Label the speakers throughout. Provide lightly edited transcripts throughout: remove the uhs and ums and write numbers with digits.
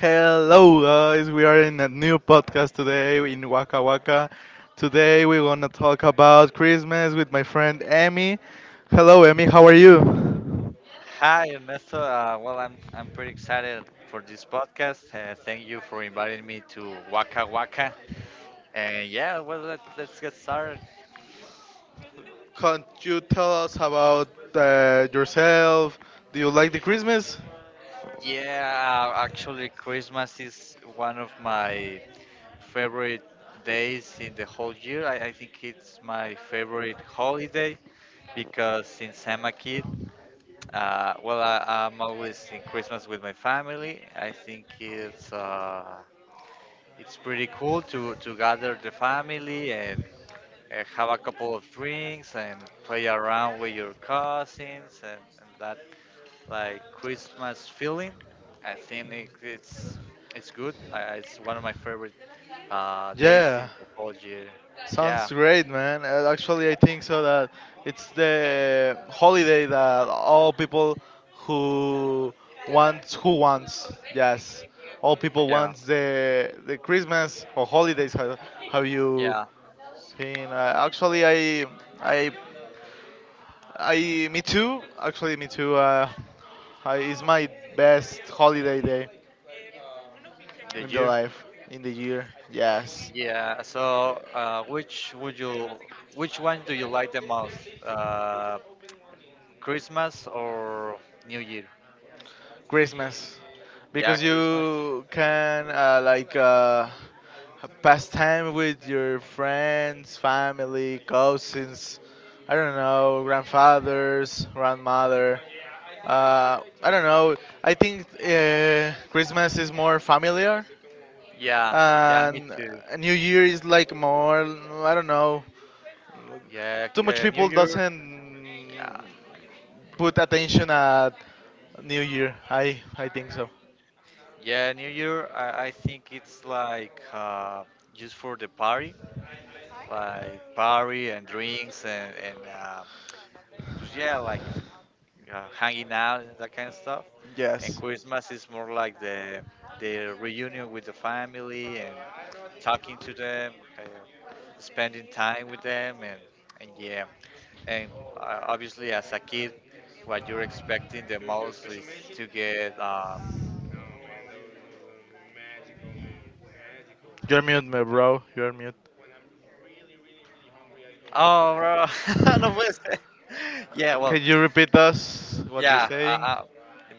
Speaker 1: Hello, guys. We are in a new podcast today in Waka Waka. Today we're gonna talk about Christmas with my friend Emmy. Hello, Emmy. How are you?
Speaker 2: Hi, Ernesto. I'm pretty excited for this podcast. Thank you for inviting me to Waka Waka. And yeah, well, let's get started.
Speaker 1: Can't you tell us about yourself? Do you like the Christmas?
Speaker 2: Yeah, actually, Christmas is one of my favorite days in the whole year. I think it's my favorite holiday because since I'm a kid, I'm always in Christmas with my family. I think it's pretty cool to gather the family and have a couple of drinks and play around with your cousins, and that like Christmas feeling. I think it's good. It's one of my favorite days
Speaker 1: Yeah.
Speaker 2: in the whole year.
Speaker 1: Sounds
Speaker 2: Yeah,
Speaker 1: great, man. Actually, I think so that it's the holiday that all people who who wants yes, all people
Speaker 2: yeah,
Speaker 1: wants the Christmas or holidays. How you
Speaker 2: yeah.
Speaker 1: seen? Actually, I I me too. Actually, me too. It's my best holiday day
Speaker 2: The
Speaker 1: in the
Speaker 2: year.
Speaker 1: life in the year. Yes.
Speaker 2: Yeah. So, which one do you like the most? Uh, Christmas or New Year?
Speaker 1: Christmas
Speaker 2: Yeah,
Speaker 1: because
Speaker 2: Christmas.
Speaker 1: you can like pass time with your friends, family, cousins. I don't know, grandfathers, grandmother. I don't know. I think Christmas is more familiar,
Speaker 2: Yeah, yeah, me
Speaker 1: and
Speaker 2: too.
Speaker 1: New Year is like more. I don't know.
Speaker 2: Yeah,
Speaker 1: Too much
Speaker 2: New
Speaker 1: people
Speaker 2: Year. Yeah,
Speaker 1: doesn't put attention at New Year. I think so.
Speaker 2: yeah, New Year, I think it's like just for the party, like party and drinks and pues yeah, like hanging out and that kind of stuff. And
Speaker 1: Yes.
Speaker 2: Christmas is more like the reunion with the family and talking to them, uh, spending time with them, and yeah, and obviously as a kid, what you're expecting the most is to get
Speaker 1: You're mute, my bro. You're mute.
Speaker 2: Oh, bro, no puede ser. Yeah, well,
Speaker 1: Can you repeat us what you're
Speaker 2: yeah.
Speaker 1: saying?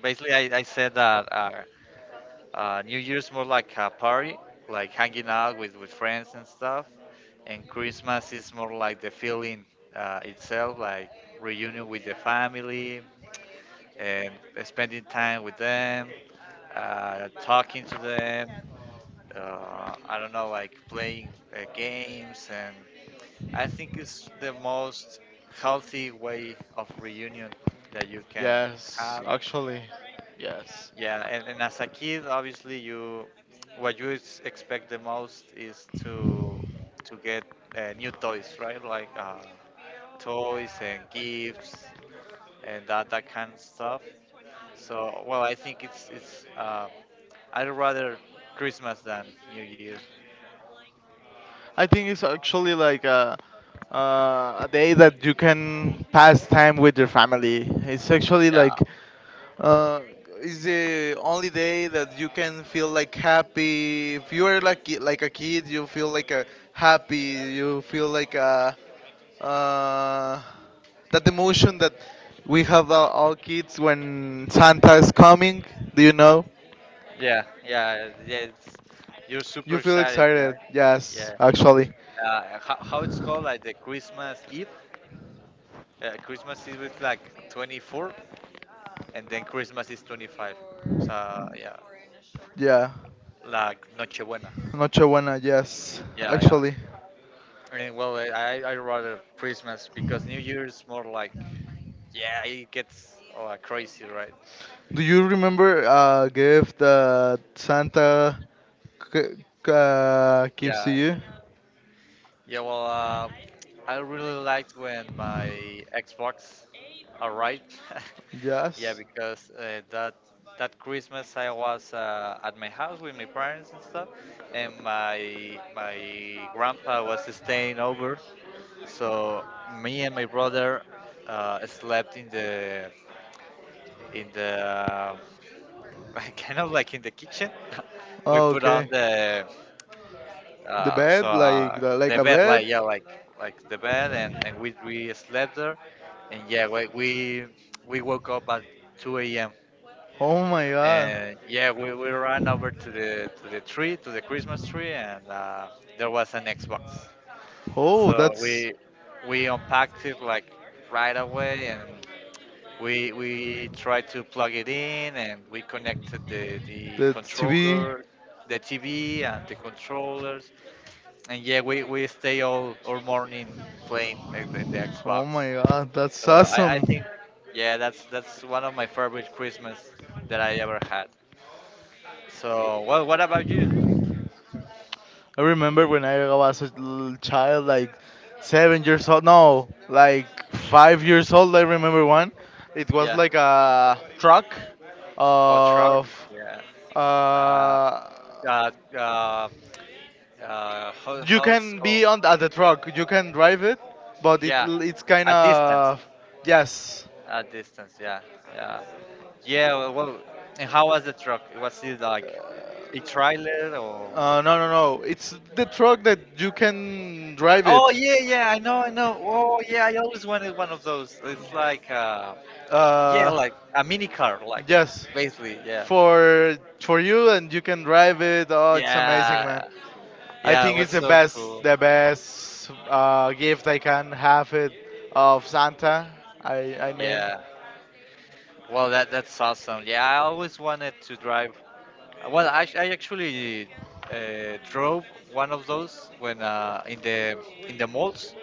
Speaker 2: Basically, I said that New Year's more like a party, like hanging out with friends and stuff, and Christmas is more like the feeling itself, like reunion with the family and spending time with them, talking to them. I don't know, like playing games. And I think it's the most healthy way of reunion that you can
Speaker 1: Yes,
Speaker 2: have.
Speaker 1: actually, yes.
Speaker 2: Yeah, and as a kid, obviously you what you expect the most is to get new toys, right? Like toys and gifts and that kind of stuff. So well, I think it's I'd rather Christmas than New Year.
Speaker 1: I think it's actually like a day that you can pass time with your family. It's actually like uh, it's the only day that you can feel like happy. If you are like a kid, you feel like a happy. You feel like a uh, that emotion that we have all kids when Santa is coming. Do you know?
Speaker 2: Yeah, yeah, yeah. It's, you're
Speaker 1: You
Speaker 2: super
Speaker 1: feel
Speaker 2: excited, yeah,
Speaker 1: excited? Yes,
Speaker 2: yeah.
Speaker 1: actually.
Speaker 2: How it's called? Like the Christmas Eve. Christmas Eve is like 24th, and then Christmas is 25th. So yeah,
Speaker 1: Yeah,
Speaker 2: like Nochebuena.
Speaker 1: Noche Buena. Yes,
Speaker 2: Yeah, yeah.
Speaker 1: actually.
Speaker 2: I mean, well, I rather Christmas because New Year's more like yeah, it gets crazy, right?
Speaker 1: Do you remember a gift that Santa c- gives to
Speaker 2: Yeah,
Speaker 1: you?
Speaker 2: yeah. Well, I really liked when my Xbox arrived. Yeah,
Speaker 1: Yes.
Speaker 2: because that Christmas I was at my house with my parents and stuff, and my grandpa was staying over. So me and my brother slept in the kind of like in the kitchen. We
Speaker 1: Oh,
Speaker 2: put on
Speaker 1: okay.
Speaker 2: the
Speaker 1: The
Speaker 2: Uh, so
Speaker 1: bed,
Speaker 2: uh,
Speaker 1: like
Speaker 2: the
Speaker 1: a
Speaker 2: bed,
Speaker 1: bed.
Speaker 2: like yeah, like the bed, and we slept there, and yeah, we woke up at 2 a.m.
Speaker 1: Oh my God.
Speaker 2: And yeah, we ran over to the tree, to the Christmas tree, and there was an Xbox.
Speaker 1: Oh,
Speaker 2: So
Speaker 1: that's
Speaker 2: we unpacked it like right away, and we tried to plug it in, and we connected the
Speaker 1: the TV.
Speaker 2: controller, the TV, and the controller. And yeah, we stay all morning playing in the
Speaker 1: Oh
Speaker 2: Xbox.
Speaker 1: my god, that's
Speaker 2: So I
Speaker 1: awesome.
Speaker 2: think, yeah, that's one of my favorite Christmas that I ever had. So, well, what about you?
Speaker 1: I remember when I was a little child, like 7 years old, no, like 5 years old. I remember one. It was
Speaker 2: Yeah,
Speaker 1: like a truck
Speaker 2: or truck?
Speaker 1: of.
Speaker 2: Yeah. Uh,
Speaker 1: Uh,
Speaker 2: uh, uh,
Speaker 1: you
Speaker 2: how it's
Speaker 1: can
Speaker 2: called?
Speaker 1: be on at the truck, you can drive it, but it
Speaker 2: Yeah,
Speaker 1: it's kind
Speaker 2: at distance.
Speaker 1: of. Yes.
Speaker 2: At distance, yeah, yeah. Yeah, well, well, and how was the truck? Was it like a trailer or?
Speaker 1: No, no, no. It's the truck that you can drive
Speaker 2: Oh
Speaker 1: it.
Speaker 2: yeah, yeah, I know, I know. Oh yeah, I always wanted one of those. It's like yeah,
Speaker 1: Uh,
Speaker 2: like a mini car, like
Speaker 1: yes.
Speaker 2: basically, yeah.
Speaker 1: For you and you can drive it. Oh, it's amazing, man.
Speaker 2: Yeah.
Speaker 1: I
Speaker 2: Yeah, it
Speaker 1: think
Speaker 2: was
Speaker 1: it's the
Speaker 2: so
Speaker 1: best
Speaker 2: cool.
Speaker 1: the best uh, gift I can have it of Santa. I mean
Speaker 2: Yeah. Well, that's awesome. Yeah, I always wanted to drive. Well, I actually drove one of those when in the malls.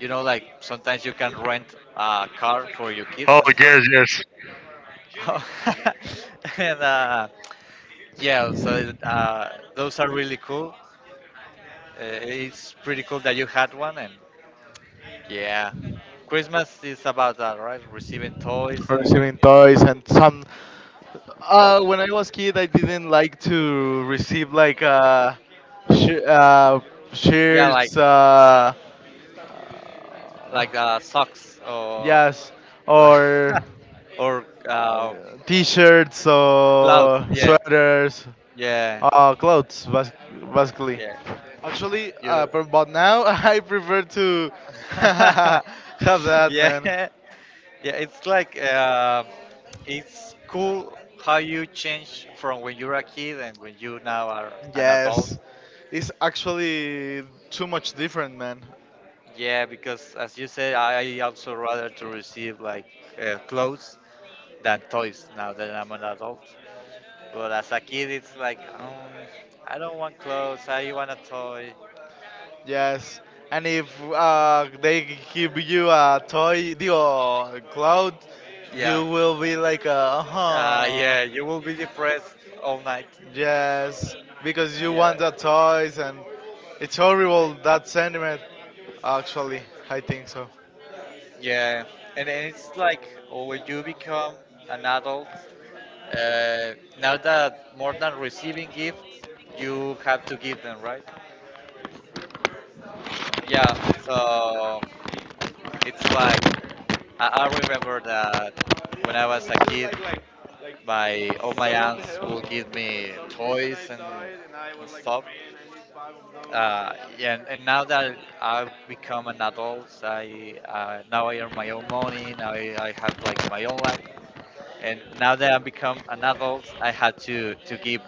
Speaker 2: You know, like sometimes you can rent a car for your kids and stuff. And yeah, so those are really cool. It's pretty cool that you had one, and yeah, Christmas is about that, right? Receiving toys and
Speaker 1: receiving toys and some. When I was kid, I didn't like to receive like sh- uh
Speaker 2: yeah,
Speaker 1: shirts,
Speaker 2: like socks or
Speaker 1: yes, or
Speaker 2: or
Speaker 1: uh, t-shirts
Speaker 2: gloves.
Speaker 1: or
Speaker 2: Yeah,
Speaker 1: sweaters,
Speaker 2: yeah,
Speaker 1: clothes, basically.
Speaker 2: yeah.
Speaker 1: Actually, uh,
Speaker 2: You,
Speaker 1: but, but now I prefer to have that,
Speaker 2: yeah,
Speaker 1: man.
Speaker 2: yeah. It's like it's cool how you change from when you're a kid and when you now are an adult.
Speaker 1: Yes, it's actually too much different, man.
Speaker 2: Yeah, because as you said, I also rather to receive like clothes than toys now that I'm an adult. But as a kid, it's like, I don't want clothes. I want a toy.
Speaker 1: Yes, and if they give you a toy, the cloud,
Speaker 2: Yeah.
Speaker 1: you will be like, uh huh.
Speaker 2: Yeah, you will be depressed all night.
Speaker 1: Yes, because you
Speaker 2: Yeah,
Speaker 1: want the toys, and it's horrible that sentiment. Actually, I think so.
Speaker 2: yeah. And it's like when you become an adult, uh, now that more than receiving gifts, you have to give them, right? Yeah, so it's like I remember that when I was a kid, my all my aunts would give me toys and stuff. Yeah, and now that I've become an adult, I now I earn my own money. Now I have like my own life, and now that I become an adult, I had to give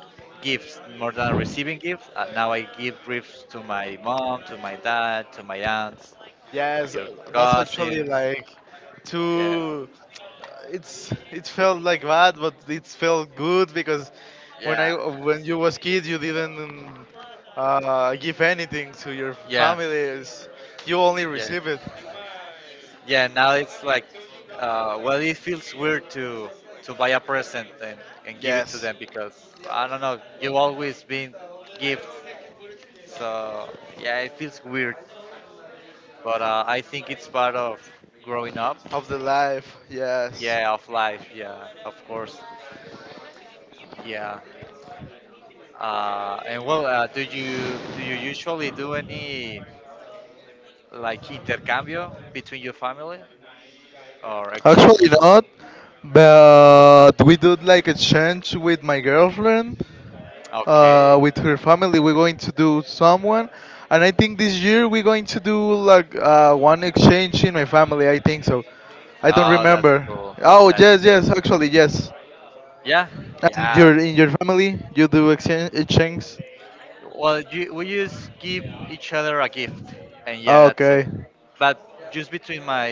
Speaker 2: gifts more than receiving gifts. Now I give gifts to my mom, to my dad, to my aunts,
Speaker 1: Yes,
Speaker 2: your
Speaker 1: that's actually
Speaker 2: cousins.
Speaker 1: like
Speaker 2: Yeah,
Speaker 1: too. It felt like bad, but it felt good because
Speaker 2: yeah,
Speaker 1: when you was kid, you didn't give anything to your
Speaker 2: yeah.
Speaker 1: families. You only
Speaker 2: Yeah.
Speaker 1: receive it.
Speaker 2: Yeah, now it's like, well, it feels weird to buy a present, and give it to
Speaker 1: Yes,
Speaker 2: them because I don't know, you always been gifts, so yeah, it feels weird. But I think it's part of growing up.
Speaker 1: of the life. Yes.
Speaker 2: Yeah, of life. Yeah, of course. Yeah. And well, do you Do you usually do any like intercambio between your family or
Speaker 1: Actually
Speaker 2: exchange?
Speaker 1: not, but we did like a change with my girlfriend,
Speaker 2: Okay.
Speaker 1: with her family. We're going to do someone, and I think this year we're going to do like one exchange in my family. I think so. I don't
Speaker 2: Oh, that's
Speaker 1: remember.
Speaker 2: cool.
Speaker 1: Oh
Speaker 2: That's
Speaker 1: yes,
Speaker 2: cool.
Speaker 1: yes, actually yes.
Speaker 2: Yeah,
Speaker 1: And
Speaker 2: yeah.
Speaker 1: your in your family, you do exchanges.
Speaker 2: Well, you, we just give each other a gift, and yeah, that's it.
Speaker 1: Okay.
Speaker 2: But just between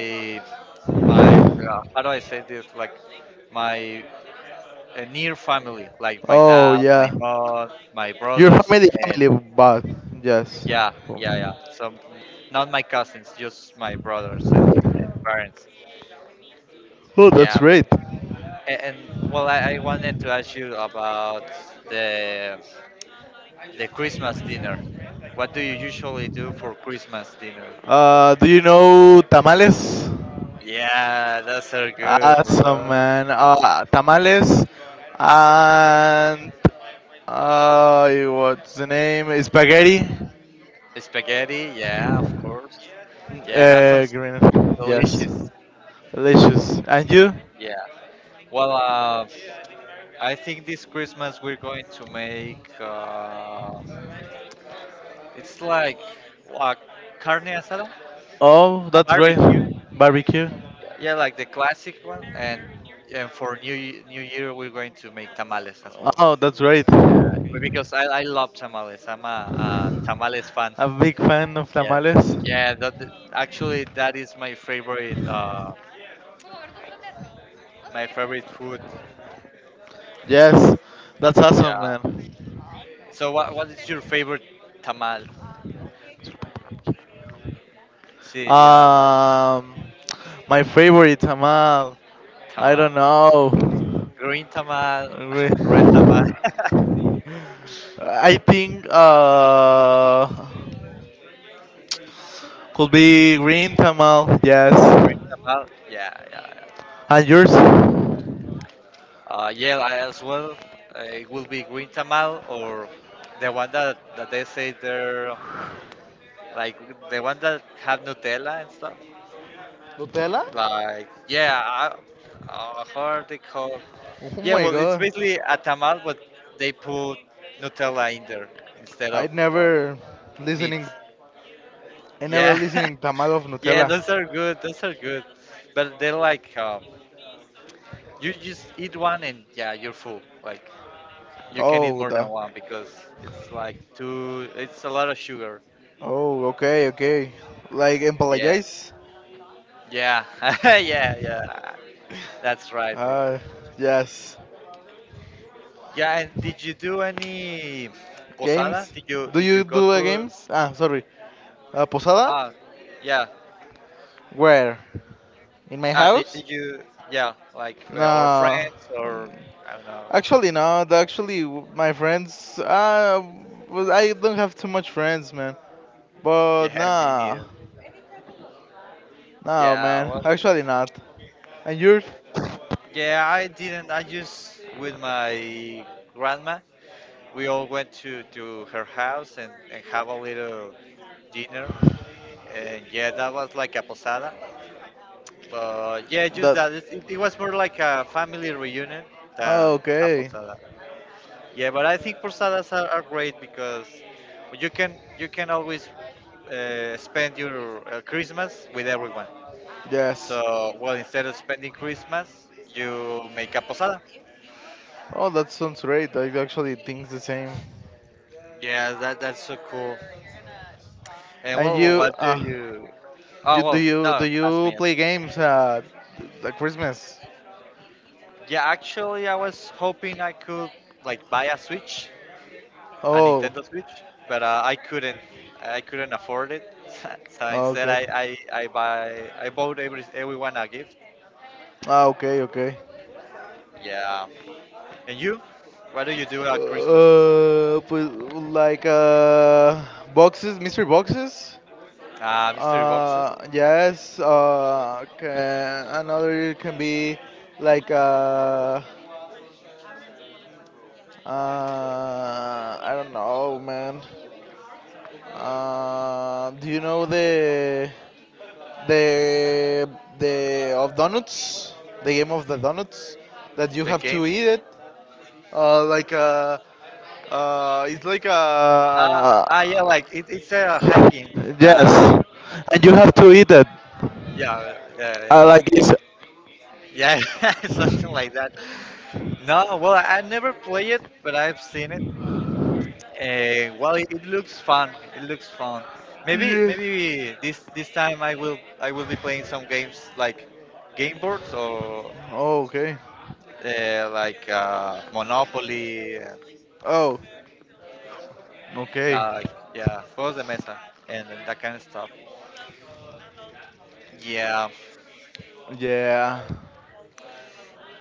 Speaker 2: my how do I say this? Like my near family, like my
Speaker 1: Oh
Speaker 2: dad, my
Speaker 1: yeah,
Speaker 2: mom, my
Speaker 1: your
Speaker 2: brothers,
Speaker 1: family
Speaker 2: and
Speaker 1: family, but yes.
Speaker 2: yeah, yeah, yeah. So mm, not my cousins, just my brothers and parents.
Speaker 1: Oh, that's
Speaker 2: Yeah,
Speaker 1: great.
Speaker 2: and well, I wanted to ask you about the Christmas dinner. What do you usually do for Christmas dinner?
Speaker 1: Do you know tamales?
Speaker 2: Yeah, that's so good,
Speaker 1: Awesome,
Speaker 2: bro.
Speaker 1: man. Tamales and what's the name? Spaghetti.
Speaker 2: Spaghetti, yeah, of course. Yeah, that sounds
Speaker 1: Green. Yes.
Speaker 2: delicious.
Speaker 1: Delicious. And you?
Speaker 2: Yeah. Well, I think this Christmas we're going to make it's like a carne asada,
Speaker 1: Oh,
Speaker 2: a
Speaker 1: that's great.
Speaker 2: barbecue.
Speaker 1: Barbecue.
Speaker 2: Yeah, like the classic one, and for New Year we're going to make tamales as well.
Speaker 1: Oh, that's great.
Speaker 2: Yeah, but because I love tamales. I'm a tamales fan.
Speaker 1: A big fan of
Speaker 2: Yeah,
Speaker 1: tamales.
Speaker 2: yeah. That Actually that is my favorite. My favorite food.
Speaker 1: Yes, that's awesome,
Speaker 2: Yeah.
Speaker 1: man.
Speaker 2: So what is your favorite tamal? See, yeah, like
Speaker 1: Um, my favorite tamal. I
Speaker 2: tamal.
Speaker 1: don't know.
Speaker 2: Green tamal, red tamal.
Speaker 1: Re- I
Speaker 2: Yeah,
Speaker 1: think could be green tamal. Yes.
Speaker 2: green tamal. Yeah, yeah, yeah.
Speaker 1: And yours?
Speaker 2: Yeah, I as well. It will be green tamal or the one that they say they're like the one that have Nutella and stuff.
Speaker 1: Nutella?
Speaker 2: Like yeah, how are they called?
Speaker 1: Oh
Speaker 2: Yeah,
Speaker 1: my
Speaker 2: well, it's
Speaker 1: god!
Speaker 2: basically a tamal, but they put Nutella in there instead
Speaker 1: I
Speaker 2: of
Speaker 1: never
Speaker 2: meat.
Speaker 1: listening. I never
Speaker 2: Yeah,
Speaker 1: listening tamal of
Speaker 2: yeah,
Speaker 1: Nutella.
Speaker 2: those are good. Those are good, but they're like you just eat one and yeah, you're full. Like you can eat
Speaker 1: Oh
Speaker 2: more than
Speaker 1: the.
Speaker 2: one because it's like too. It's a lot of sugar.
Speaker 1: Oh, okay, okay. Like
Speaker 2: Yeah,
Speaker 1: empalagize?
Speaker 2: yeah, yeah, yeah. That's right, bro.
Speaker 1: Ah yes.
Speaker 2: Yeah, and did you do any posada?
Speaker 1: Games? Do
Speaker 2: Did
Speaker 1: you
Speaker 2: you go
Speaker 1: do a
Speaker 2: to?
Speaker 1: games? Sorry. Posada?
Speaker 2: Ah, yeah.
Speaker 1: Where? In my
Speaker 2: Ah,
Speaker 1: house?
Speaker 2: did you? Yeah, like or
Speaker 1: No.
Speaker 2: friends
Speaker 1: Um,
Speaker 2: or I don't know.
Speaker 1: Actually, no. Actually, my friends. I don't have too much friends, man. But
Speaker 2: Yeah, me
Speaker 1: nah,
Speaker 2: neither.
Speaker 1: no,
Speaker 2: Yeah,
Speaker 1: man.
Speaker 2: well,
Speaker 1: Actually, not. And yours?
Speaker 2: yeah, I didn't. I just with my grandma. We all went to her house and have a little dinner. And yeah, that was like a posada. But yeah, just
Speaker 1: That.
Speaker 2: that. It was more like a family reunion than a
Speaker 1: Okay.
Speaker 2: posada. Yeah, but I think are great because you can always spend your Christmas with everyone.
Speaker 1: Yes.
Speaker 2: So, well, instead of spending Christmas, you make a posada.
Speaker 1: Oh, that sounds great. I actually think the same.
Speaker 2: Yeah, that's so cool. And
Speaker 1: And
Speaker 2: well, well,
Speaker 1: you?
Speaker 2: what do
Speaker 1: Uh,
Speaker 2: you? Oh
Speaker 1: you do
Speaker 2: well,
Speaker 1: you
Speaker 2: no,
Speaker 1: do
Speaker 2: ask
Speaker 1: you
Speaker 2: me.
Speaker 1: play games at Christmas?
Speaker 2: Yeah, actually, I was hoping I could like buy a Switch a
Speaker 1: Oh.
Speaker 2: Nintendo Switch, but I couldn't. I couldn't afford it, so instead
Speaker 1: Okay.
Speaker 2: I bought everyone a gift.
Speaker 1: Okay, okay.
Speaker 2: Yeah. And you? What do you do at Christmas?
Speaker 1: Pues, like boxes, mystery boxes.
Speaker 2: Mystery boxes.
Speaker 1: Yes. Can, another can be like uh, I don't know, man. Do you know the the of donuts? The game of the donuts that you
Speaker 2: The
Speaker 1: have to
Speaker 2: game.
Speaker 1: eat it. Like it's like
Speaker 2: Uh,
Speaker 1: a.
Speaker 2: ah, yeah, like it's a hanging. Uh,
Speaker 1: Yes, and you have to eat it.
Speaker 2: yeah, yeah,
Speaker 1: I like it's.
Speaker 2: yeah, something like that. No, well, I never play it, but I've seen it. Well, it looks fun. It looks fun.
Speaker 1: Yeah.
Speaker 2: Maybe this time I will be playing some games like game boards or
Speaker 1: Oh, okay.
Speaker 2: Monopoly,
Speaker 1: Oh, okay.
Speaker 2: like yeah, Juegos de Mesa and that kind of stuff. Yeah,
Speaker 1: Yeah,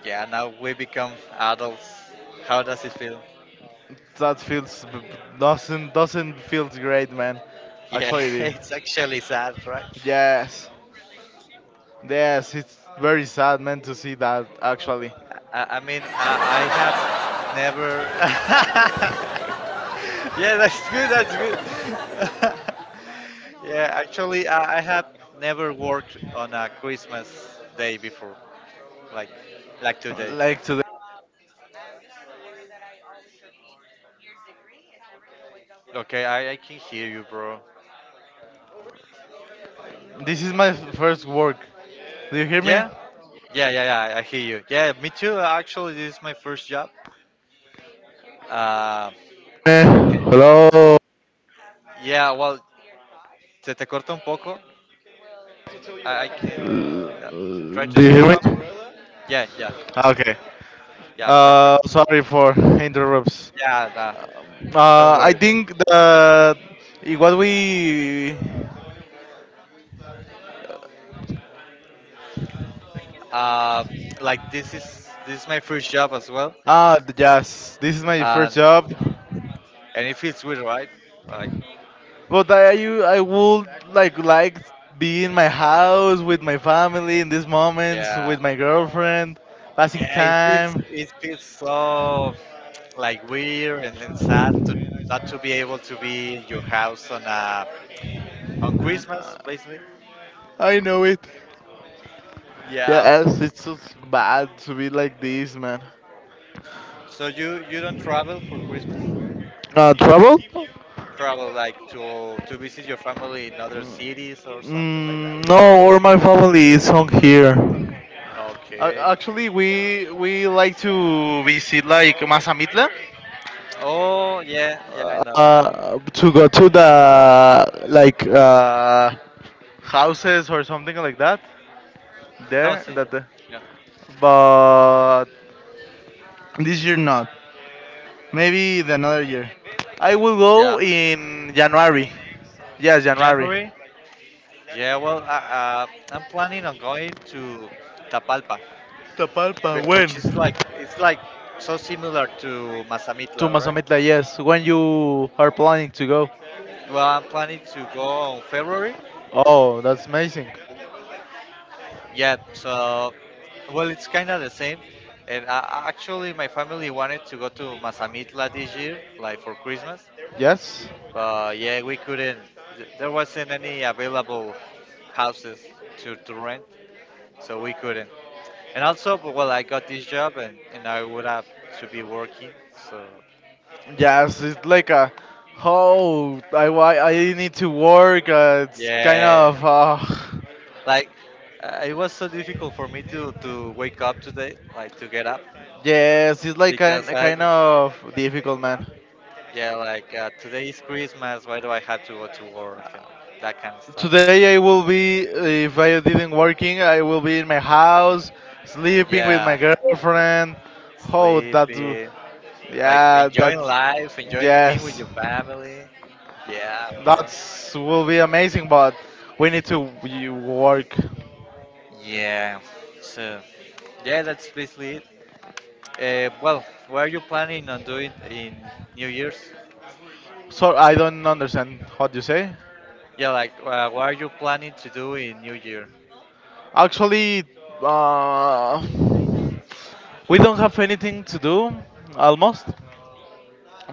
Speaker 2: yeah. Now we become adults. How does it feel?
Speaker 1: that feels doesn't feels great, man.
Speaker 2: Yeah,
Speaker 1: Actually,
Speaker 2: it's actually sad, right?
Speaker 1: yes, yes, it's very sad, man, to see that. Actually,
Speaker 2: I mean, I have never. Yeah, that's good. That's good. Yeah, actually, I have never worked on a Christmas day before, like like today.
Speaker 1: like today,
Speaker 2: Okay, I can hear you, bro.
Speaker 1: this is my first work. Do you hear me?
Speaker 2: Yeah, yeah. I hear you. Yeah, me too. Actually, this is my first job. Uh,
Speaker 1: Eh,
Speaker 2: eh,
Speaker 1: Hello.
Speaker 2: yeah, well, se te corta un poco. I can uh, try
Speaker 1: Do
Speaker 2: to
Speaker 1: you hear
Speaker 2: speak
Speaker 1: me?
Speaker 2: up. Yeah, yeah,
Speaker 1: Okay.
Speaker 2: yeah. Perfect.
Speaker 1: Sorry for interrupts.
Speaker 2: Yeah, nah. Don't
Speaker 1: I
Speaker 2: worry, bro.
Speaker 1: think that what we
Speaker 2: Uh, like this is my first job as well,
Speaker 1: the jazz. This is my first
Speaker 2: and
Speaker 1: job,
Speaker 2: and it feels weird, right? Like
Speaker 1: but I would like be in my house with my family in these moments
Speaker 2: yeah,
Speaker 1: with my girlfriend, passing
Speaker 2: yeah, it feels
Speaker 1: time.
Speaker 2: it feels so like weird and sad to not to be able to be in your house on Christmas, basically.
Speaker 1: I know it.
Speaker 2: Yeah.
Speaker 1: Yes, it's so bad to be like this, man.
Speaker 2: So you don't travel for Christmas?
Speaker 1: Trouble?
Speaker 2: Travel like to visit your family in other cities or something like that?
Speaker 1: Mm, no, all my family is on here. Uh,
Speaker 2: Okay.
Speaker 1: actually, we like to visit like Mazamitla.
Speaker 2: Oh yeah, yeah, I know, I know.
Speaker 1: To go to the like houses or something like that
Speaker 2: No,
Speaker 1: there.
Speaker 2: sí,
Speaker 1: That the,
Speaker 2: sí. Yeah.
Speaker 1: but this year not. Maybe the another year. I will
Speaker 2: Yeah.
Speaker 1: go in January. Yes, January.
Speaker 2: January? Yeah, well, I'm planning on going to Tapalpa,
Speaker 1: Tapalpa. When?
Speaker 2: which is like it's like so similar to
Speaker 1: To
Speaker 2: Mazamitla, right?
Speaker 1: Mazamitla. Yes, when you are planning to go.
Speaker 2: Well, I'm planning to go on February.
Speaker 1: Oh, that's amazing.
Speaker 2: Yeah, so well, it's kind of the same. And actually, my family wanted to go to Mazamitla this year, like for Christmas.
Speaker 1: Yes.
Speaker 2: But yeah, we couldn't. There wasn't any available houses to rent, so we couldn't. And also, but, well, I got this job and I would have to be working. So,
Speaker 1: Yes, it's like a, oh, I why I need to work. It's kind
Speaker 2: yeah,
Speaker 1: of
Speaker 2: like it was so difficult for me to wake up today, like to get up
Speaker 1: yes, it's like kind
Speaker 2: because I,
Speaker 1: kind of difficult, man.
Speaker 2: yeah, like today is Christmas. Why do I have to go to work and that kind of stuff?
Speaker 1: Today I will be if I didn't working, I will be in my house sleeping with my
Speaker 2: Yeah,
Speaker 1: girlfriend. Oh, that do,
Speaker 2: sleepy, like
Speaker 1: yeah,
Speaker 2: enjoying
Speaker 1: that's
Speaker 2: life, enjoying being with
Speaker 1: yes,
Speaker 2: your family. Yeah, bro.
Speaker 1: that's will be amazing. But we need to you work.
Speaker 2: Yeah. So, yeah, that's basically it. Well, what are you planning on doing in New Year's?
Speaker 1: So I don't understand what you say.
Speaker 2: Yeah, like what are you planning to do in New Year?
Speaker 1: Actually, uh, we don't have anything to do, almost.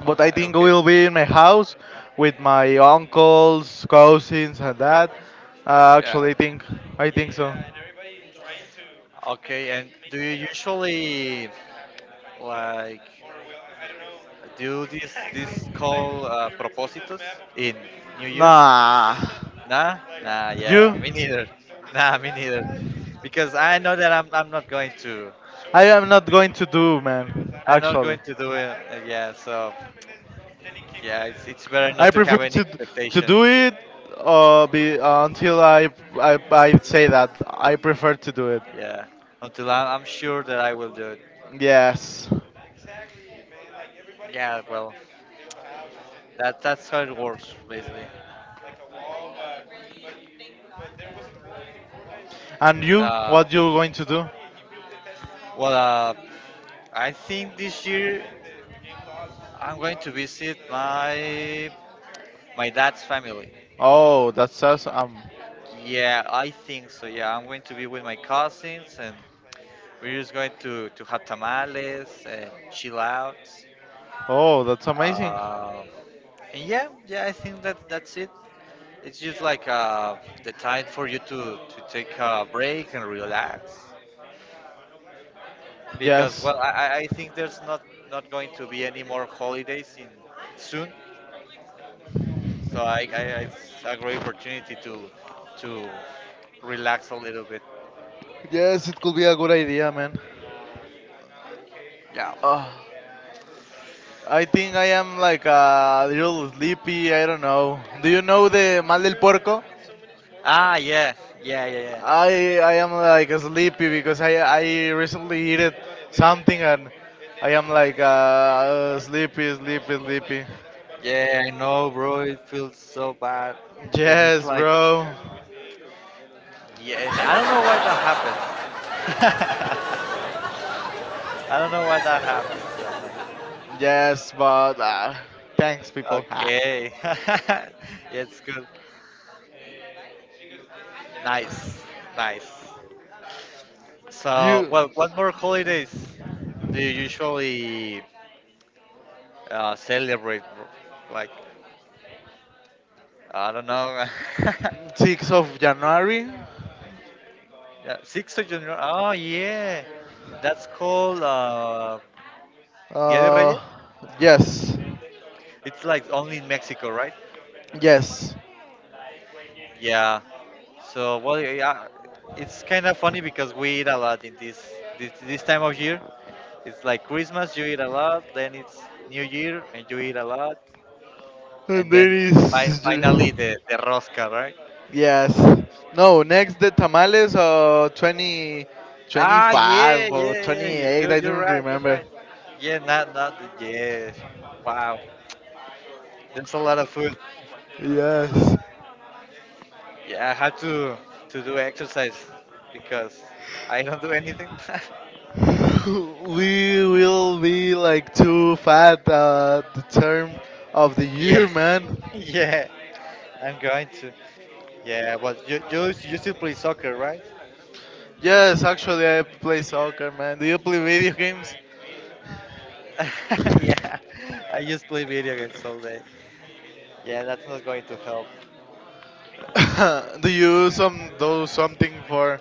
Speaker 1: But
Speaker 2: Oh,
Speaker 1: I think we
Speaker 2: okay.
Speaker 1: will be in my house with my uncles, cousins, and that. Uh,
Speaker 2: Yeah.
Speaker 1: actually, I think so.
Speaker 2: Okay. And do you usually like do this call propósitos in New Year's?
Speaker 1: Nah.
Speaker 2: Nah. Nah.
Speaker 1: You?
Speaker 2: Yeah. Me neither. Nah. Me neither. Because I know that I'm not going to.
Speaker 1: I am not going to do, man.
Speaker 2: I'm not
Speaker 1: Actually.
Speaker 2: going to do it. Yeah. So yeah, it's better
Speaker 1: I
Speaker 2: not to
Speaker 1: prefer
Speaker 2: have any
Speaker 1: to
Speaker 2: expectation.
Speaker 1: do it be, until I say that I prefer to do it.
Speaker 2: Yeah. Until I'm sure that I will do it.
Speaker 1: Yes.
Speaker 2: Yeah. Well, that's how it works basically.
Speaker 1: And you,
Speaker 2: Uh,
Speaker 1: what you're going to do?
Speaker 2: well, uh, I think this year I'm going to visit my dad's family.
Speaker 1: Oh, that sounds.
Speaker 2: Yeah, I think so. Yeah, I'm going to be with my cousins, and we're just going to have tamales and chill out.
Speaker 1: Oh, that's amazing.
Speaker 2: Uh, and yeah, yeah, I think that that's it. It's just like the time for you to take a break and relax. Because
Speaker 1: Yes,
Speaker 2: well I think there's not not going to be any more holidays in soon, so I it's a great opportunity to relax a little bit.
Speaker 1: yes, it could be a good idea, man.
Speaker 2: Yeah.
Speaker 1: Uh, I think I am like a little sleepy. I don't know. Do you know the mal del puerco?
Speaker 2: Ah yeah, yeah, yeah, yeah,
Speaker 1: I am like sleepy because I recently ate something and I am like sleepy, sleepy, sleepy.
Speaker 2: yeah, I know, bro, it feels so bad, and it's
Speaker 1: Yes,
Speaker 2: like
Speaker 1: bro.
Speaker 2: yeah, and I don't know why that happens. I don't know why that happens, I'm like
Speaker 1: Yes, but thanks, people.
Speaker 2: okay. Yeah, it's good. Nice. Nice.
Speaker 1: Do
Speaker 2: So,
Speaker 1: you?
Speaker 2: well, what more holidays do you usually celebrate, bro? Like, I don't know.
Speaker 1: 6th of January.
Speaker 2: Yeah, 6th of January. Oh, yeah. That's called Dia de
Speaker 1: Uh,
Speaker 2: Reyes.
Speaker 1: yes,
Speaker 2: It's like only in Mexico, right?
Speaker 1: yes.
Speaker 2: Yeah. So, well, yeah, it's kind of funny because we eat a lot in this time of year. It's like Christmas, you eat a lot. Then it's New Year, and you eat a lot. And
Speaker 1: And then
Speaker 2: then
Speaker 1: is
Speaker 2: finally the rosca, right?
Speaker 1: yes. No, next the tamales 20,
Speaker 2: Ah, yeah,
Speaker 1: 25 or
Speaker 2: yeah, yeah, yeah.
Speaker 1: 28. I
Speaker 2: You're
Speaker 1: don't
Speaker 2: right. You're
Speaker 1: remember.
Speaker 2: right. Yeah, not not the yes. Wow, there's a lot of food.
Speaker 1: Yes.
Speaker 2: Yeah, I have to do exercise because I don't do anything.
Speaker 1: We will be like too fat the term of the
Speaker 2: Yeah,
Speaker 1: year, man.
Speaker 2: yeah. I'm going to. Yeah, but you still play soccer, right?
Speaker 1: Yes, actually, I play soccer, man. Do you play video games?
Speaker 2: Yeah, I just play video games all day. Yeah, that's not going to help.
Speaker 1: Do you use some do something for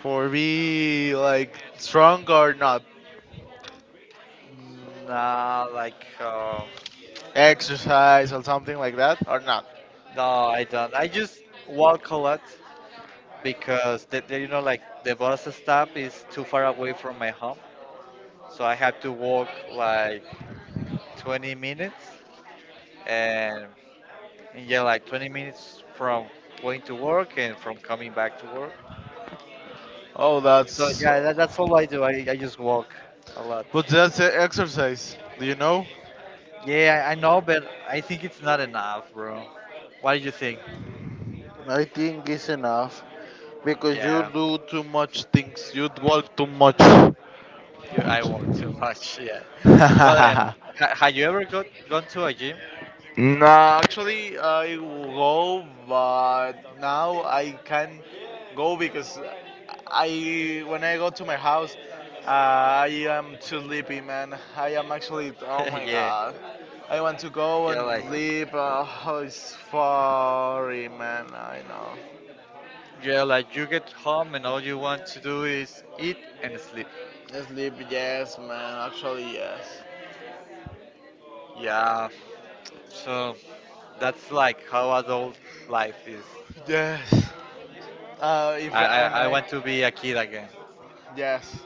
Speaker 1: for be like strong or not?
Speaker 2: Nah, like,
Speaker 1: Exercise or something like that or not?
Speaker 2: no, I don't. I just walk a lot. Because you know like the bus stop is too far away from my home, so I have to walk like 20 minutes, and, and yeah, like 20 minutes from going to work and from coming back to work.
Speaker 1: Oh,
Speaker 2: So
Speaker 1: that's
Speaker 2: yeah, that's all I do. I just walk a lot.
Speaker 1: but that's a exercise. Do you know?
Speaker 2: Yeah, I know, but I think it's not enough, bro. What do you think?
Speaker 1: I think it's enough because you
Speaker 2: Yeah,
Speaker 1: do too much things. You walk too much.
Speaker 2: I walk too much. Yeah, well, have you ever got gone to a gym?
Speaker 1: No, actually, I will go, but now I can't go because I when I go to my house, uh, I am too sleepy, man. I am actually, oh my
Speaker 2: Yeah,
Speaker 1: god, I want to go
Speaker 2: yeah,
Speaker 1: and
Speaker 2: like
Speaker 1: sleep. Oh, sorry, man. I know.
Speaker 2: yeah, like you get home and all you want to do is eat and sleep.
Speaker 1: Sleep, yes, man. Actually, yes.
Speaker 2: Yeah, so that's like how adult life is.
Speaker 1: Yes. If
Speaker 2: I, I,
Speaker 1: and
Speaker 2: I
Speaker 1: I,
Speaker 2: want to be a kid again.
Speaker 1: yes.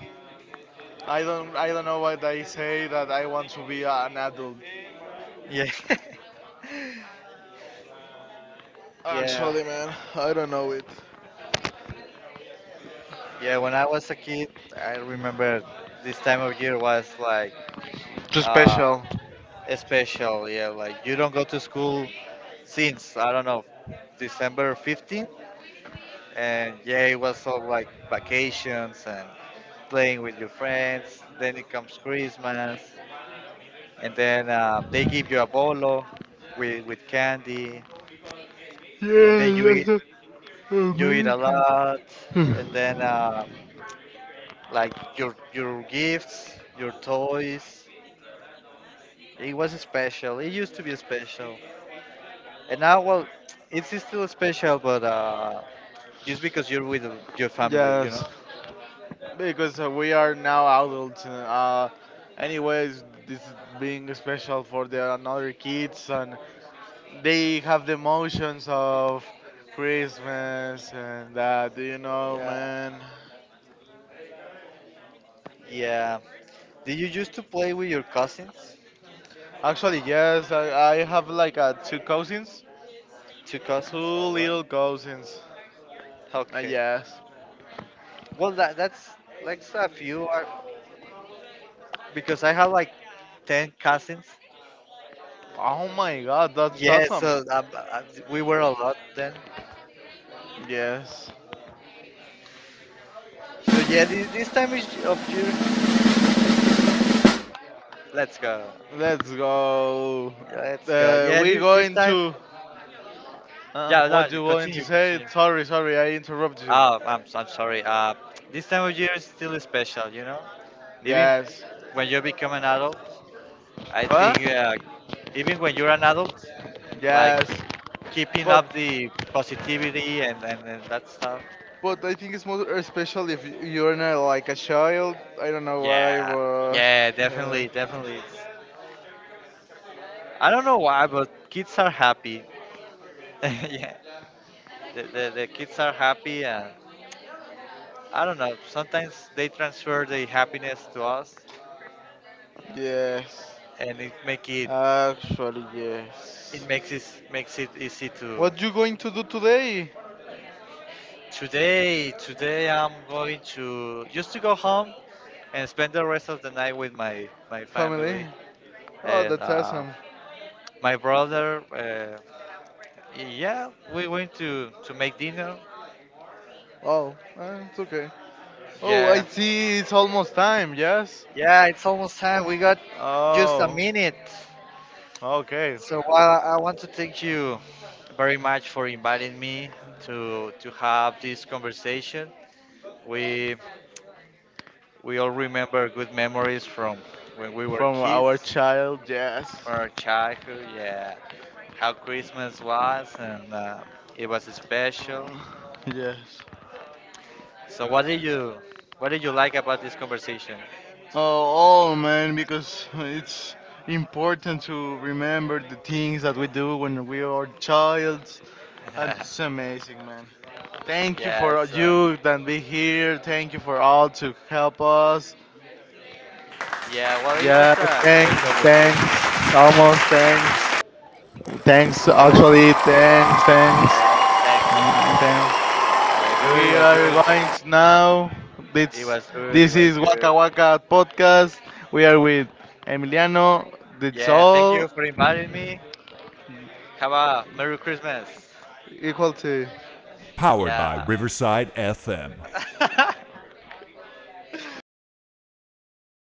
Speaker 1: I don't know why they say that I want to be an adult.
Speaker 2: Yeah. Yeah,
Speaker 1: Actually, man, I don't know it.
Speaker 2: yeah. When I was a kid, I remember this time of year was like
Speaker 1: Too
Speaker 2: uh,
Speaker 1: special.
Speaker 2: special. Yeah, like you don't go to school since I don't know December 15. And yeah, it was all like vacations and playing with your friends. Then it comes Christmas, and then they give you a bolo with candy, and then
Speaker 1: Yeah, that's
Speaker 2: you eat a
Speaker 1: amazing.
Speaker 2: lot, and then like your gifts, your toys. It was special. It used to be special, and now well, it's still special, but just because you're with your family, you
Speaker 1: Yes,
Speaker 2: know.
Speaker 1: because we are now adults. And anyways, this is being special for the another kids, and they have the emotions of Christmas and that. Do you know,
Speaker 2: Yeah.
Speaker 1: man?
Speaker 2: Yeah. Did you used to play with your cousins?
Speaker 1: Actually, yes. I have like two cousins,
Speaker 2: Two
Speaker 1: two
Speaker 2: cousins, all right.
Speaker 1: little cousins.
Speaker 2: Okay.
Speaker 1: Yes.
Speaker 2: Well, that that's like a few are because I have like 10 cousins.
Speaker 1: Oh my god, that's
Speaker 2: Yeah,
Speaker 1: awesome.
Speaker 2: so we were a lot then.
Speaker 1: Yes.
Speaker 2: So yeah, this of year, let's go,
Speaker 1: Let's go.
Speaker 2: let's go. Yeah,
Speaker 1: We
Speaker 2: this
Speaker 1: going
Speaker 2: time.
Speaker 1: to.
Speaker 2: Yeah, no,
Speaker 1: What you going to
Speaker 2: continue,
Speaker 1: say?
Speaker 2: continue.
Speaker 1: Sorry, sorry, I interrupted you.
Speaker 2: Oh, I'm sorry. This time of year is still special, you know. Even
Speaker 1: Yes.
Speaker 2: when you become an adult, I
Speaker 1: Huh?
Speaker 2: think even when you're an adult, like
Speaker 1: Yes.
Speaker 2: keeping
Speaker 1: But
Speaker 2: up the positivity and that stuff.
Speaker 1: but I think it's more special if you're not like a child. I don't know why,
Speaker 2: Yeah,
Speaker 1: but
Speaker 2: yeah, definitely, definitely. It's, I don't know why, but kids are happy. Yeah, the kids are happy, and I don't know. Sometimes they transfer the happiness to us,
Speaker 1: yes.
Speaker 2: and
Speaker 1: Actually,
Speaker 2: it
Speaker 1: yes.
Speaker 2: makes it makes it easy to
Speaker 1: What you going to do today,
Speaker 2: today. Today I'm going to just to go home and spend the rest of the night with my
Speaker 1: family?
Speaker 2: family
Speaker 1: Oh,
Speaker 2: and
Speaker 1: that's awesome.
Speaker 2: my brother. Yeah, we went to make dinner.
Speaker 1: Oh, it's okay. Oh, I
Speaker 2: Yeah,
Speaker 1: see it's almost time, yes?
Speaker 2: yeah, it's almost time. We got just a
Speaker 1: Oh,
Speaker 2: minute.
Speaker 1: okay.
Speaker 2: So I want to thank you very much for inviting me to have this conversation. We we all remember good memories from when we were
Speaker 1: From our
Speaker 2: kids,
Speaker 1: child, yes.
Speaker 2: from our childhood. Yeah, how Christmas was, and it was special.
Speaker 1: Yes.
Speaker 2: So what did you like about this conversation?
Speaker 1: Oh, oh man, because it's important to remember the things that we do when we are child. And it's amazing, man. Thank you for
Speaker 2: Yes.
Speaker 1: you that be here. Thank you for all to help us.
Speaker 2: Yeah, well, it was
Speaker 1: Yeah,
Speaker 2: a
Speaker 1: thanks,
Speaker 2: great conversation.
Speaker 1: thanks, almost
Speaker 2: Yeah,
Speaker 1: thanks. Thanks,
Speaker 2: it was.
Speaker 1: actually, thanks, thanks,
Speaker 2: Thanks, thanks.
Speaker 1: mm, thanks.
Speaker 2: Yeah, good. It
Speaker 1: We
Speaker 2: was
Speaker 1: are
Speaker 2: good.
Speaker 1: going to now.
Speaker 2: It
Speaker 1: This
Speaker 2: was good. It
Speaker 1: this
Speaker 2: was
Speaker 1: is
Speaker 2: good.
Speaker 1: Waka Waka podcast. We are with Emiliano. That's
Speaker 2: Yeah, thank
Speaker 1: all
Speaker 2: you for inviting me. Have a Merry Christmas.
Speaker 1: equal to.
Speaker 2: Yeah.